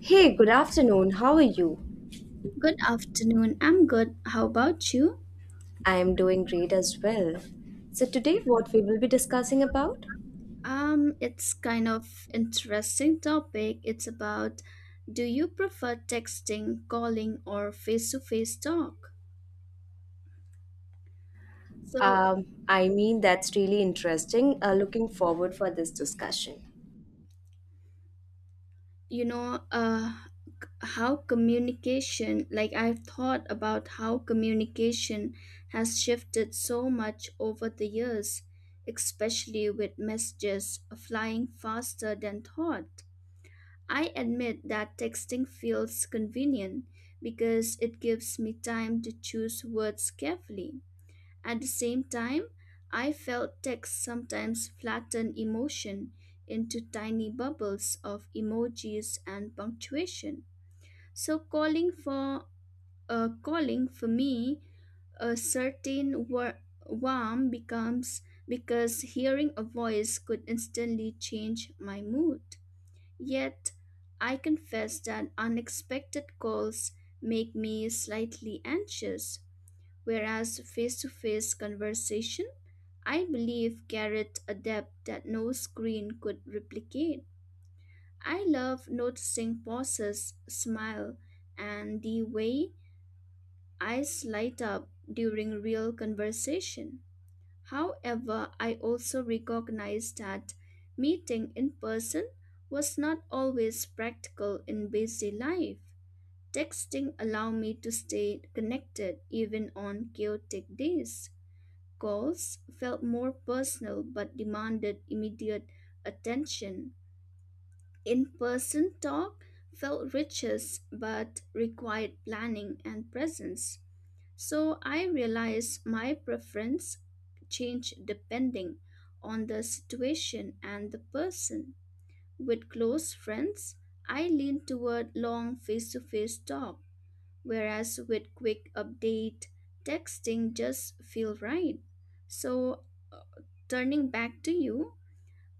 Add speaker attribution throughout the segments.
Speaker 1: Hey, good afternoon. How are you?
Speaker 2: Good afternoon. I'm good. How about you?
Speaker 1: I am doing great as well. So today what we will be discussing about?
Speaker 2: It's kind of interesting topic. It's about do you prefer texting, calling, or face-to-face talk? So,
Speaker 1: I mean that's really interesting. Looking forward for this discussion.
Speaker 2: you know, uh, how communication, like I've thought about how communication has shifted so much over the years, especially with messages flying faster than thought. I admit that texting feels convenient because it gives me time to choose words carefully. At the same time, I felt text sometimes flatten emotion into tiny bubbles of emojis and punctuation. So calling for calling for me a certain warm becomes because hearing a voice could instantly change my mood. Yet, I confess that unexpected calls make me slightly anxious, whereas face to face conversation, I believe, carried a depth that no screen could replicate. I love noticing pauses, smile, and the way eyes light up during real conversation. However, I also recognize that meeting in person was not always practical in busy life. Texting allowed me to stay connected even on chaotic days. Calls felt more personal but demanded immediate attention. In person talk felt richer but required planning and presence. So I realized my preference change depending on the situation and the person. With close friends, I lean toward long face-to-face talk, whereas with quick update, texting just feel right. So turning back to you,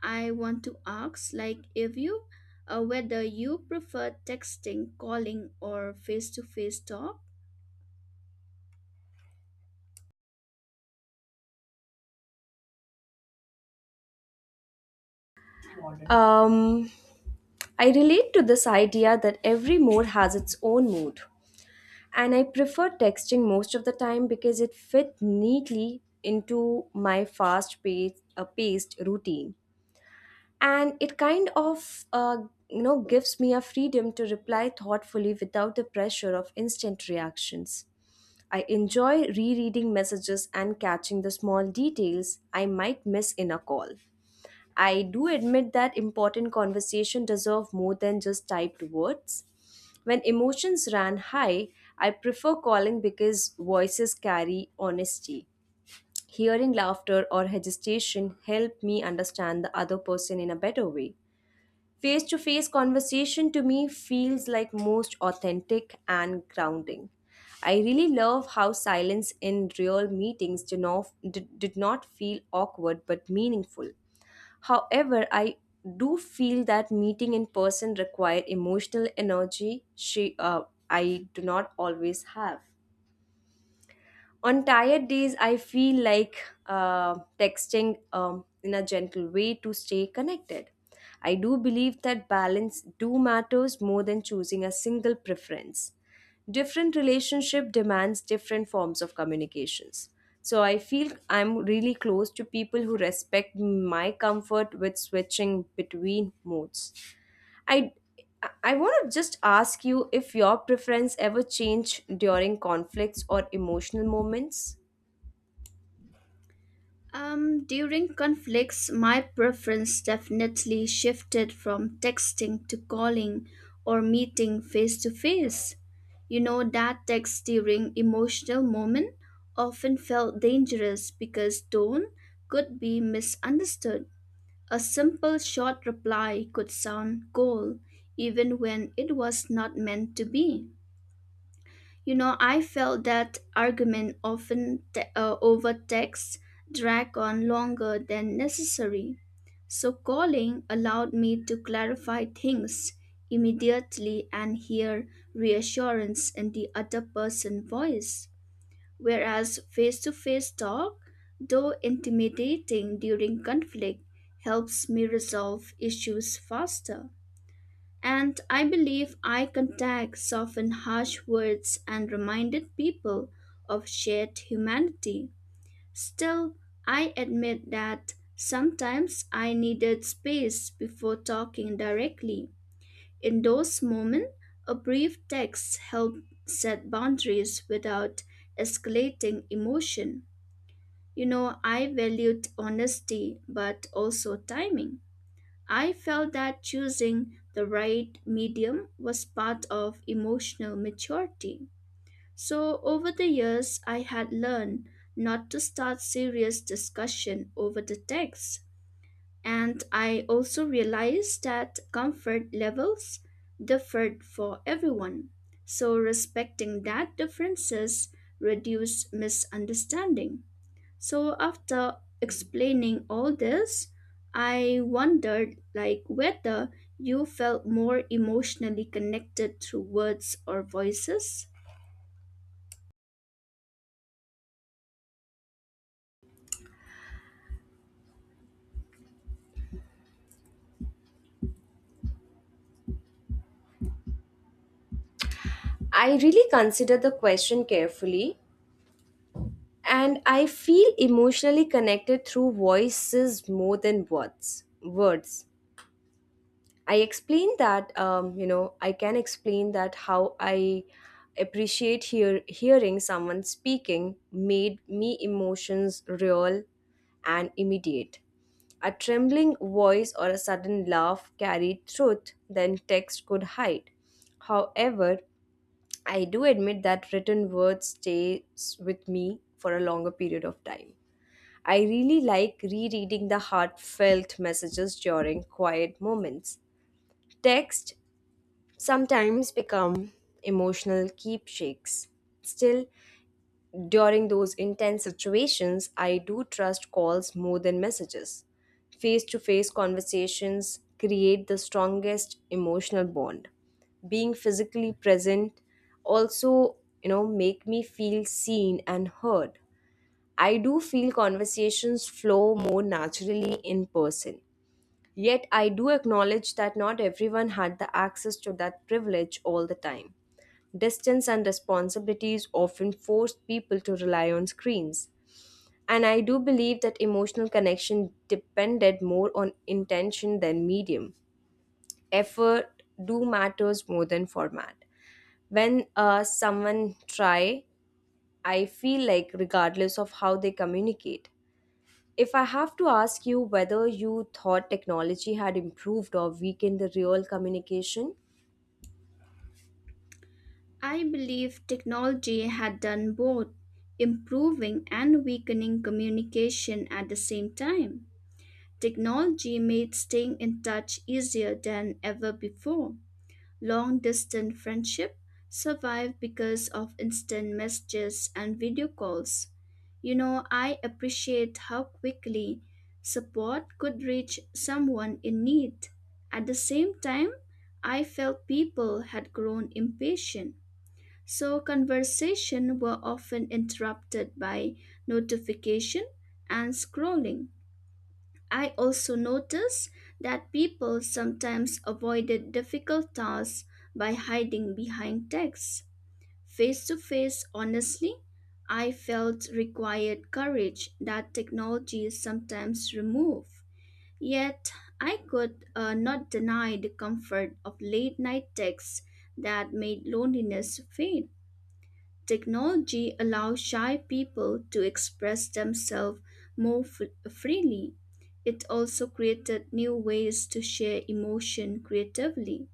Speaker 2: I want to ask like if you whether you prefer texting, calling or face-to-face talk.
Speaker 1: Um, I relate to this idea that every mode has its own mood, and I prefer texting most of the time because it fit neatly into my fast-paced paced routine. And it kind of gives me a freedom to reply thoughtfully without the pressure of instant reactions. I enjoy rereading messages and catching the small details I might miss in a call. I do admit that important conversation deserve more than just typed words. When emotions ran high, I prefer calling because voices carry honesty. Hearing laughter or hesitation help me understand the other person in a better way. Face to face conversation to me feels like most authentic and grounding. I really love how silence in real meetings did not feel awkward but meaningful. However, I do feel that meeting in person require emotional energy I do not always have. On tired days, I feel like texting in a gentle way to stay connected. I do believe that balance do matters more than choosing a single preference. Different relationship demands different forms of communications. So I feel I'm really close to people who respect my comfort with switching between modes. I I want to just ask you if your preference ever changed during conflicts or emotional moments.
Speaker 2: During conflicts, my preference definitely shifted from texting to calling or meeting face to face. You know, that text during emotional moment often felt dangerous because tone could be misunderstood. A simple short reply could sound cold even when it was not meant to be. You know, I felt that argument often over text drag on longer than necessary. So calling allowed me to clarify things immediately and hear reassurance in the other person's voice. Whereas face-to-face talk, though intimidating during conflict, helps me resolve issues faster. And I believe eye contact softened harsh words and reminded people of shared humanity. Still, I admit that sometimes I needed space before talking directly. In those moments, a brief text helped set boundaries without escalating emotion. You know, I valued honesty but also timing. I felt that choosing the right medium was part of emotional maturity. So, over the years, I had learned not to start serious discussion over the text. And I also realized that comfort levels differed for everyone. So, respecting that differences reduced misunderstanding. So after explaining all this, I wondered like whether you felt more emotionally connected through words or voices.
Speaker 1: I really consider the question carefully and I feel emotionally connected through voices more than words. Words. I explain that I can explain that how I appreciate hearing someone speaking made me emotions real and immediate. A trembling voice or a sudden laugh carried truth than text could hide. However, I do admit that written word stays with me for a longer period of time. I really like rereading the heartfelt messages during quiet moments. Text sometimes become emotional keepsakes. Still, during those intense situations, I do trust calls more than messages. Face to face conversations create the strongest emotional bond. Being physically present also, make me feel seen and heard. I do feel conversations flow more naturally in person. Yet I do acknowledge that not everyone had the access to that privilege all the time. Distance and responsibilities often forced people to rely on screens. And I do believe that emotional connection depended more on intention than medium. Effort do matters more than format. When someone try, I feel like regardless of how they communicate. If I have to ask you whether you thought technology had improved or weakened the real communication,
Speaker 2: I believe technology had done both, improving and weakening communication at the same time. Technology made staying in touch easier than ever before. Long distance friendship survive because of instant messages and video calls. You know, I appreciate how quickly support could reach someone in need. At the same time, I felt people had grown impatient. So conversation were often interrupted by notification and scrolling. I also noticed that people sometimes avoided difficult tasks by hiding behind texts. Face to face, honestly, I felt required courage that technology sometimes remove. Yet, I could not deny the comfort of late night texts that made loneliness fade. Technology allows shy people to express themselves more freely. It also created new ways to share emotion creatively.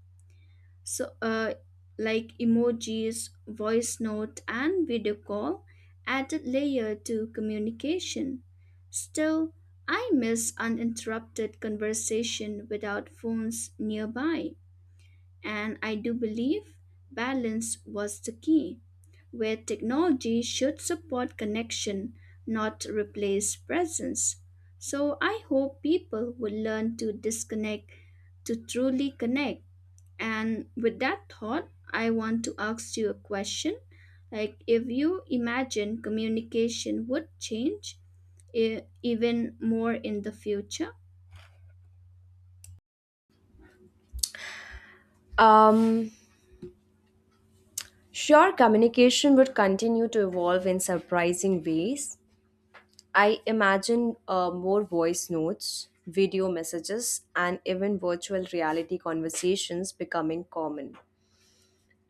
Speaker 2: So, like emojis, voice note, and video call added layer to communication. Still, I miss uninterrupted conversation without phones nearby. And I do believe balance was the key, where technology should support connection, not replace presence. So I hope people will learn to disconnect to truly connect. And with that thought, I want to ask you a question. Like, if you imagine communication would change even more in the future.
Speaker 1: um sure, communication would continue to evolve in surprising ways. I imagine more voice notes, video messages, and even virtual reality conversations becoming common.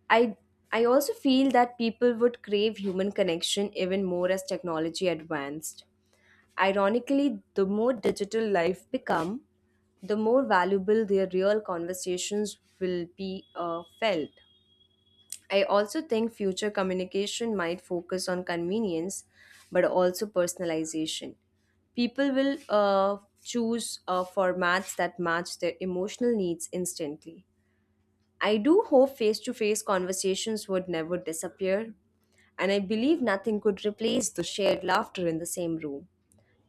Speaker 1: I I also feel that people would crave human connection even more as technology advanced. Ironically, the more digital life become, the more valuable their real conversations will be felt. I also think future communication might focus on convenience but also personalization. People will choose formats that match their emotional needs instantly. I do hope face to face conversations would never disappear, and I believe nothing could replace the shared laughter in the same room.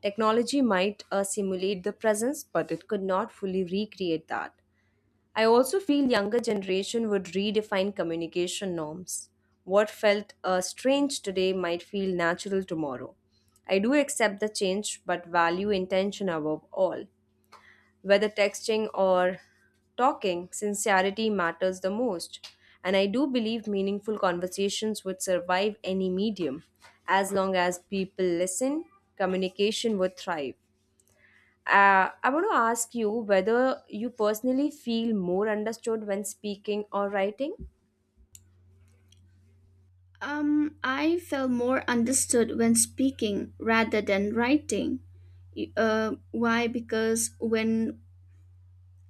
Speaker 1: Technology might simulate the presence, but it could not fully recreate that. I also feel younger generation would redefine communication norms. What felt strange today might feel natural tomorrow. I do accept the change but value intention above all. Whether texting or talking, sincerity matters the most. And I do believe meaningful conversations would survive any medium. As long as people listen, communication would thrive. I want to ask you whether you personally feel more understood when speaking or writing.
Speaker 2: I felt more understood when speaking rather than writing. Why? Because when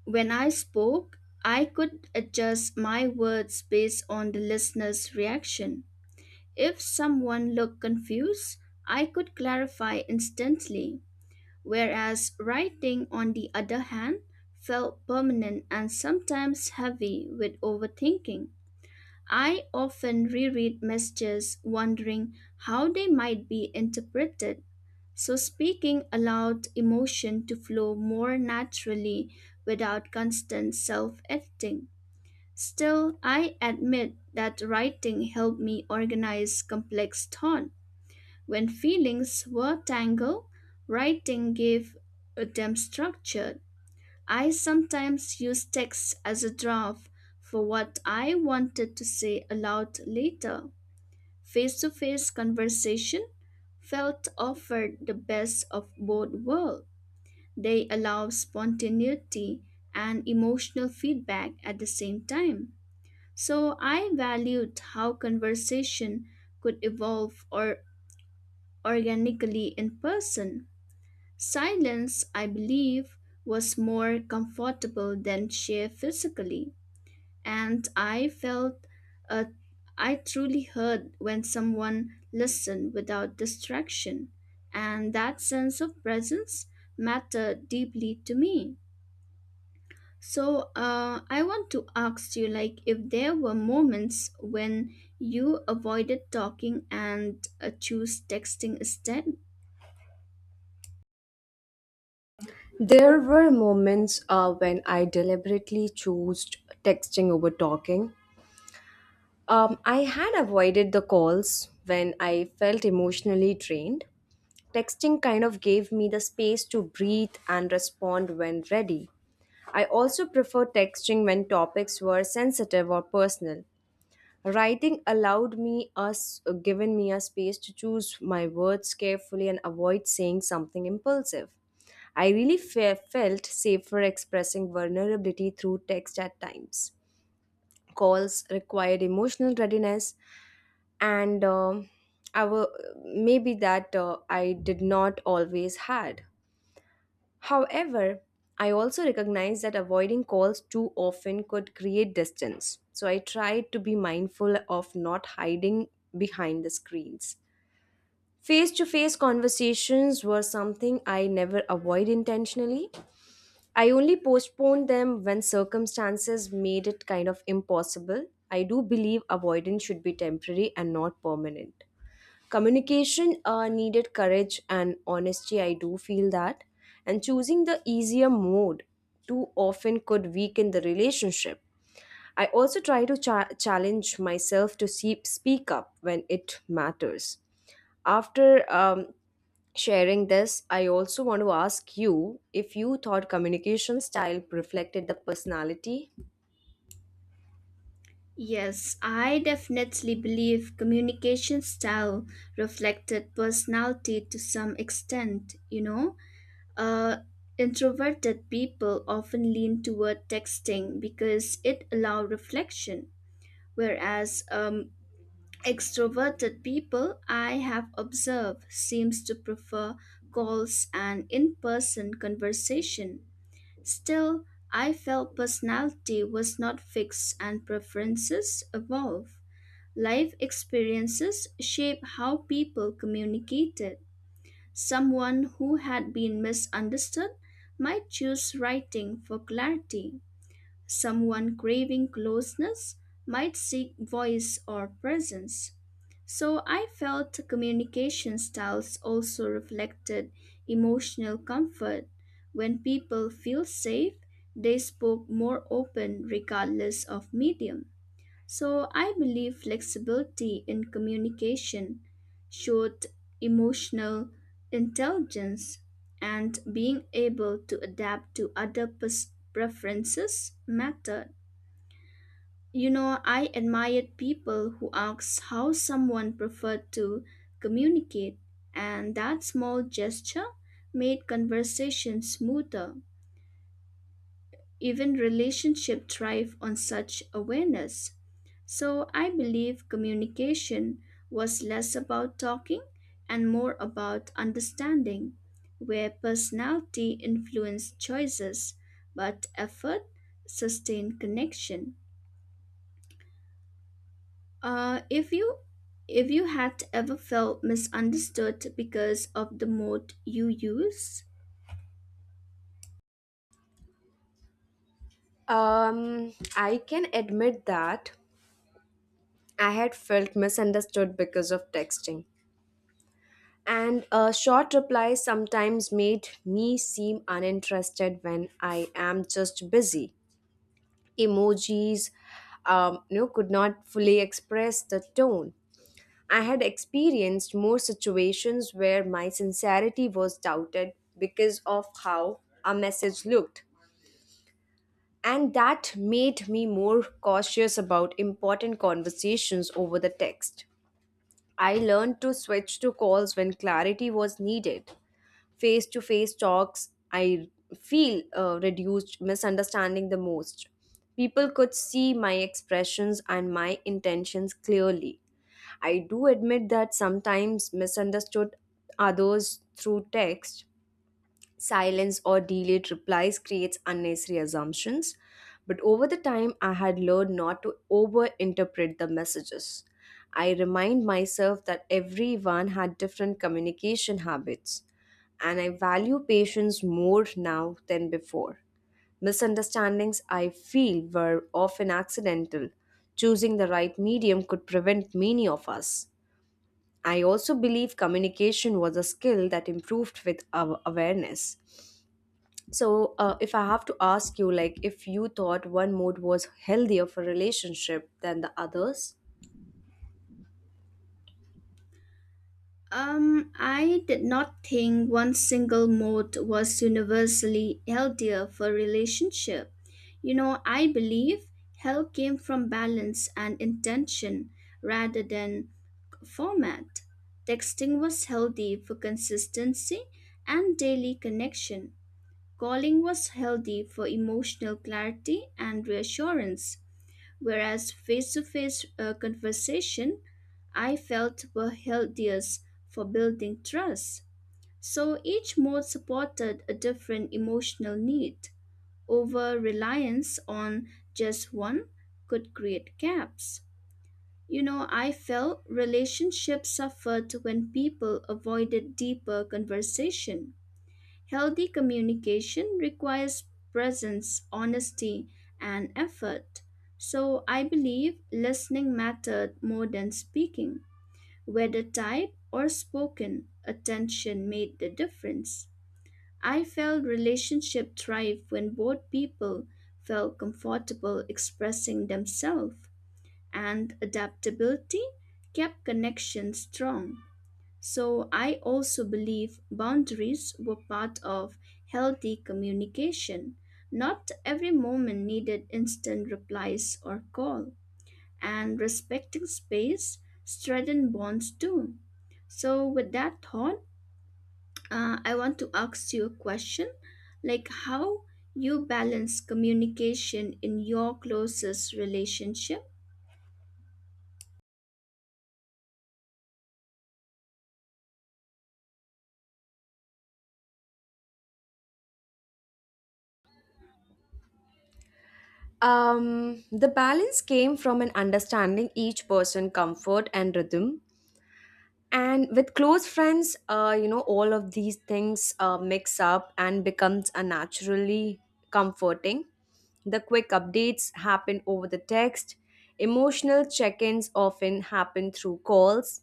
Speaker 2: when I spoke, I could adjust my words based on the listener's reaction. If someone looked confused, I could clarify instantly. Whereas writing, on the other hand, felt permanent and sometimes heavy with overthinking. I often reread messages wondering how they might be interpreted. So, speaking allowed emotion to flow more naturally without constant self editing. Still, I admit that writing helped me organize complex thought. When feelings were tangled, writing gave them structure. I sometimes use text as a draft for what I wanted to say aloud later. Face to face conversation felt offered the best of both worlds. They allow spontaneity and emotional feedback at the same time. So I valued how conversation could evolve or organically in person. Silence, I believe, was more comfortable than sheer physically, and I felt uh, I truly heard when someone listened without distraction, and that sense of presence mattered deeply to me. So I want to ask you, like, if there were moments when you avoided talking and choose texting instead.
Speaker 1: There were moments when I deliberately chose texting over talking. I had avoided the calls when I felt emotionally drained. Texting kind of gave me the space to breathe and respond when ready. I also prefer texting when topics were sensitive or personal. Writing allowed me us given me a space to choose my words carefully and avoid saying something impulsive. I really felt safer expressing vulnerability through text at times. Calls required emotional readiness, and I wa- maybe that I did not always had. However, I also recognize that avoiding calls too often could create distance. So I try to be mindful of not hiding behind the screens. Face to face conversations were something I never avoid intentionally. I only postponed them when circumstances made it kind of impossible. I do believe avoidance should be temporary and not permanent. Communication needed courage and honesty, I do feel that. And choosing the easier mode too often could weaken the relationship. I also try to challenge myself to speak up when it matters. After um, sharing this I also want to ask you if you thought communication style reflected the personality.
Speaker 2: Yes, I definitely believe communication style reflected personality to some extent, you know. Uh, introverted people often lean toward texting because it allows reflection, whereas extroverted people I have observed seems to prefer calls and in-person conversation. Still, I felt personality was not fixed and preferences evolve. Life experiences shape how people communicated. Someone who had been misunderstood might choose writing for clarity. Someone craving closeness might seek voice or presence. So I felt communication styles also reflected emotional comfort. When people feel safe, they spoke more open regardless of medium. So I believe flexibility in communication showed emotional intelligence and being able to adapt to other preferences mattered. You know, I admired people who asked how someone preferred to communicate, and that small gesture made conversation smoother. Even relationships thrive on such awareness. So I believe communication was less about talking and more about understanding, where personality influenced choices, but effort sustained connection. Uh, if you if you had ever felt misunderstood because of the mode you use.
Speaker 1: I can admit that I had felt misunderstood because of texting. And a short reply sometimes made me seem uninterested when I am just busy. Emojis, could not fully express the tone. I had experienced more situations where my sincerity was doubted because of how a message looked. And that made me more cautious about important conversations over the text. I learned to switch to calls when clarity was needed. Face to face talks I feel reduced misunderstanding the most. People could see my expressions and my intentions clearly. I do admit that sometimes misunderstood others through text. Silence or delayed replies creates unnecessary assumptions, but over the time I had learned not to overinterpret the messages. I remind myself that everyone had different communication habits, and I value patience more now than before. Misunderstandings I feel were often accidental. Choosing the right medium could prevent many of us. I also believe communication was a skill that improved with our awareness. So, if I have to ask you, like, if you thought one mode was healthier for relationship than the others,
Speaker 2: I did not think one single mode was universally healthier for relationship. You know, I believe health came from balance and intention rather than format. Texting was healthy for consistency and daily connection. Calling was healthy for emotional clarity and reassurance whereas face to face conversation I felt were healthiest for building trust. So each mode supported a different emotional need. Over reliance on just one could create gaps. You know, I felt relationships suffered when people avoided deeper conversation. Healthy communication requires presence, honesty, and effort. So I believe listening mattered more than speaking. Whether typed or spoken, attention made the difference. I felt relationship thrive when both people felt comfortable expressing themselves, and adaptability kept connections strong. So I also believe boundaries were part of healthy communication. Not every moment needed instant replies or call, and respecting space strengthened bonds too. So with that thought, I want to ask you a question, like how you balance communication in your closest relationship.
Speaker 1: the balance came from an understanding each person comfort and rhythm. And with close friends, all of these things mix up and becomes a naturally comforting. The quick updates happen over the text. Emotional check-ins often happen through calls.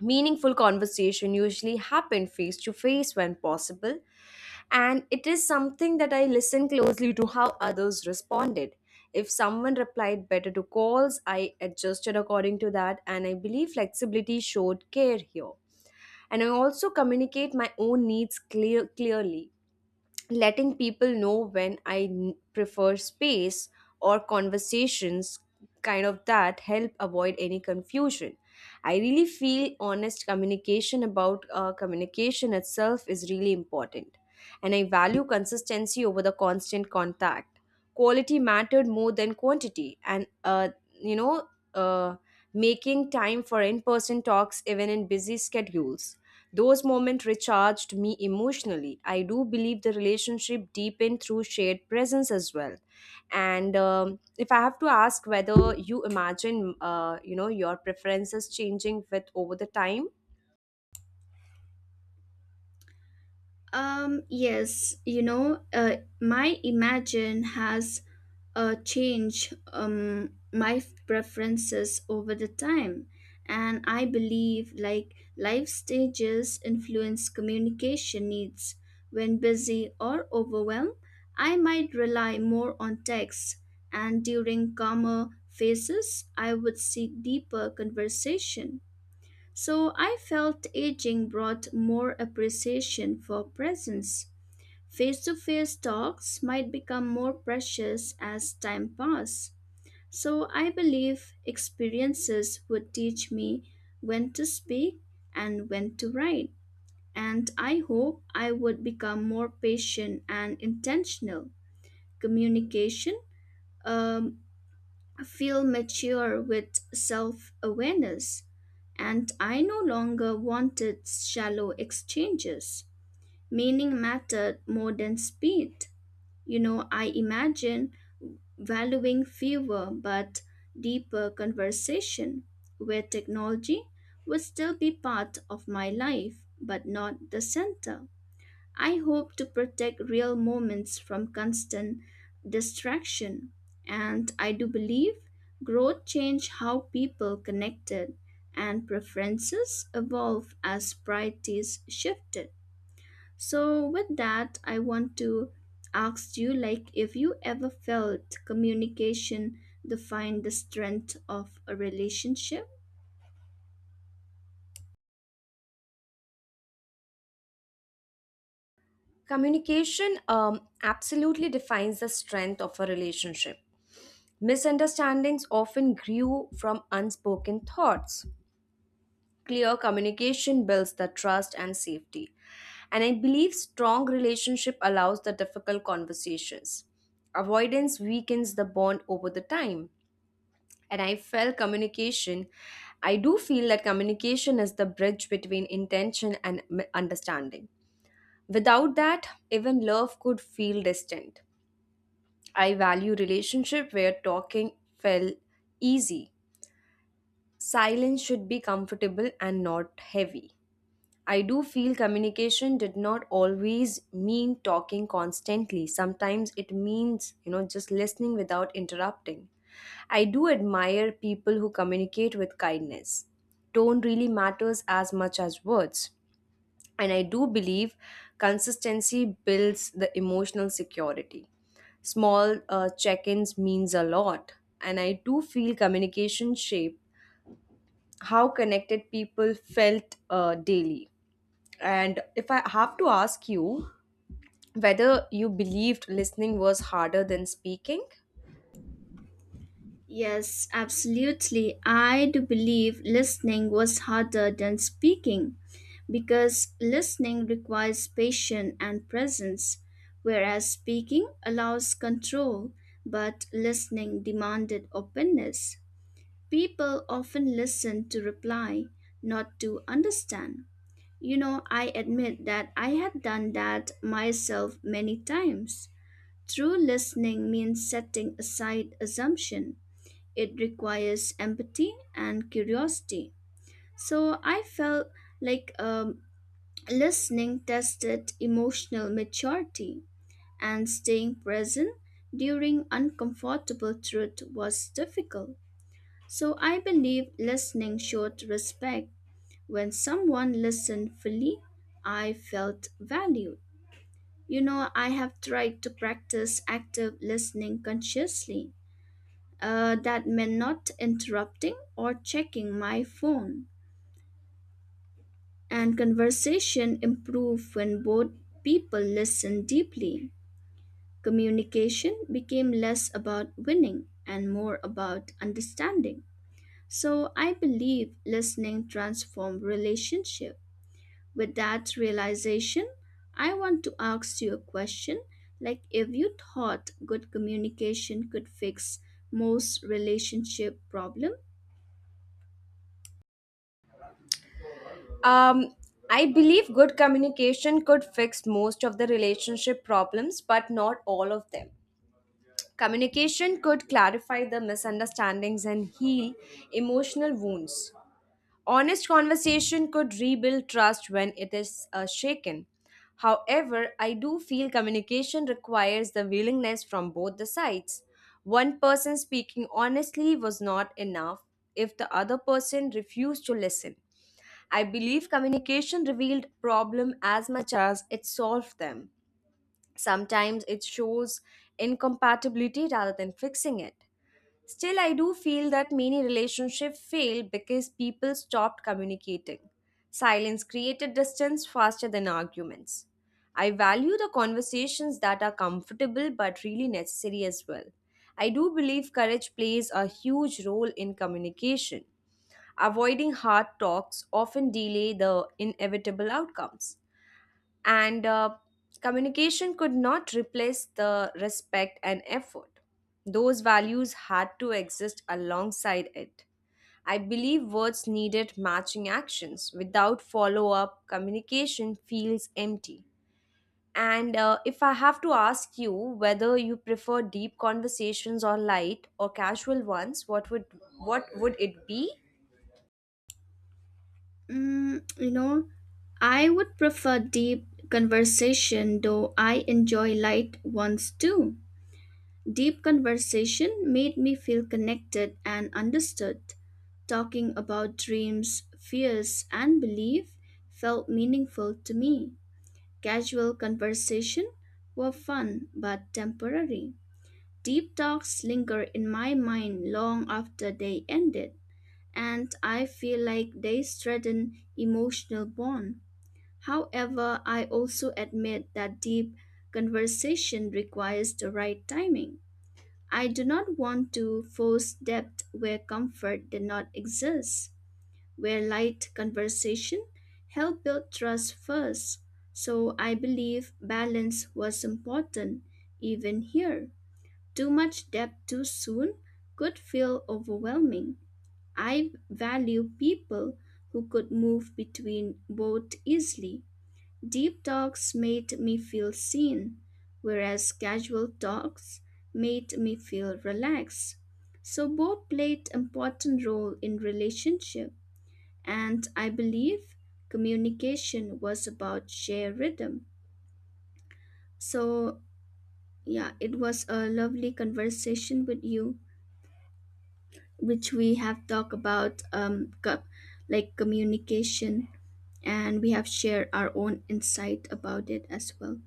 Speaker 1: Meaningful conversation usually happen face to face when possible, and it is something that I listen closely to how others responded. If someone replied better to calls, I adjusted according to that, and I believe flexibility showed care here. And I also communicate my own needs clearly, letting people know when I prefer space or conversations, kind of that, help avoid any confusion. I really feel honest communication about communication itself is really important. And I value consistency over the constant contact. Quality mattered more than quantity. You know, uh, Making time for in person talks even in busy schedules. Those moments recharged me emotionally. I do believe the relationship deepened through shared presence as well. And if I have to ask whether you imagine, your preferences changing with over the time,
Speaker 2: Yes, you know, my imagine has change my preferences over the time and I believe like life stages influence communication needs when busy or overwhelmed I might rely more on text and during calmer phases I would seek deeper conversation so I felt aging brought more appreciation for presence. Face to face talks might become more precious as time passes. So I believe experiences would teach me when to speak and when to write. And I hope I would become more patient and intentional. Communication, um, feel mature with self awareness. And I no longer wanted shallow exchanges. Meaning mattered more than speed. You know, I imagine valuing fewer but deeper conversation where technology would still be part of my life but not the center. I hope to protect real moments from constant distraction and I do believe growth changed how people connected and preferences evolve as priorities shifted. So, with that, I want to ask you like if you ever felt communication defined the strength of a relationship?
Speaker 1: communication absolutely defines the strength of a relationship. Misunderstandings often grew from unspoken thoughts. Clear communication builds the trust and safety. And I believe strong relationship allows the difficult conversations. Avoidance weakens the bond over the time. And I felt communication, I do feel that communication is the bridge between intention and understanding. Without that, even love could feel distant. I value relationship where talking felt easy. Silence should be comfortable and not heavy. I do feel communication did not always mean talking constantly. Sometimes it means, just listening without interrupting. I do admire people who communicate with kindness. Tone really matters as much as words. And I do believe consistency builds the emotional security. Small check ins means a lot. And I do feel communication shape how connected people felt daily. And if I have to ask you whether you believed listening was harder than speaking,
Speaker 2: Yes, absolutely. I do believe listening was harder than speaking because listening requires patience and presence, whereas speaking allows control, but listening demanded openness. People often listen to reply, not to understand. You know, I admit that I had done that myself many times. True listening means setting aside assumption. It requires empathy and curiosity. So I felt like listening tested emotional maturity and staying present during uncomfortable truth was difficult. So I believe listening showed respect when someone listened fully, I felt valued. You know, I have tried to practice active listening consciously. That meant not interrupting or checking my phone. And conversation improved when both people listened deeply. Communication became less about winning and more about understanding. So I believe listening transformed relationship. With that realization, I want to ask you a question like if you thought good communication could fix most relationship problem.
Speaker 1: um, I believe good communication could fix most of the relationship problems, but not all of them. Communication could clarify the misunderstandings and heal emotional wounds. Honest conversation could rebuild trust when it is shaken. However, I do feel communication requires the willingness from both the sides. One person speaking honestly was not enough if the other person refused to listen. I believe communication revealed problem as much as it solved them. Sometimes it shows incompatibility rather than fixing it. Still, I do feel that many relationships fail because people stopped communicating. Silence created distance faster than arguments. I value the conversations that are comfortable but really necessary as well. I do believe courage plays a huge role in communication. Avoiding hard talks often delay the inevitable outcomes, and communication could not replace the respect and effort. Those values had to exist alongside it. I believe words needed matching actions. Without follow up, communication feels empty. And if I have to ask you whether you prefer deep conversations or light or casual ones, what would it be?
Speaker 2: You know, I would prefer deep conversation though I enjoy light ones too. Deep conversation made me feel connected and understood. Talking about dreams, fears, and belief felt meaningful to me. Casual conversation were fun but temporary. Deep talks linger in my mind long after they ended, and I feel like they strengthen emotional bond. However, I also admit that deep conversation requires the right timing. I do not want to force depth where comfort did not exist where light conversation helped build trust first. So I believe balance was important even here. Too much depth too soon could feel overwhelming. I value people who could move between both easily. Deep talks made me feel seen, whereas casual talks made me feel relaxed. So both played important role in relationship. And I believe communication was about shared rhythm. So, yeah, it was a lovely conversation with you, which we have talked about like communication, and we have shared our own insight about it as well.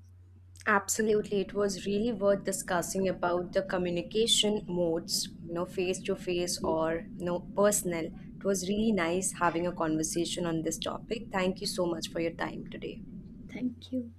Speaker 1: Absolutely, it was really worth discussing about the communication modes, face to face or personal. It was really nice having a conversation on this topic. Thank you so much for your time today.
Speaker 2: Thank you.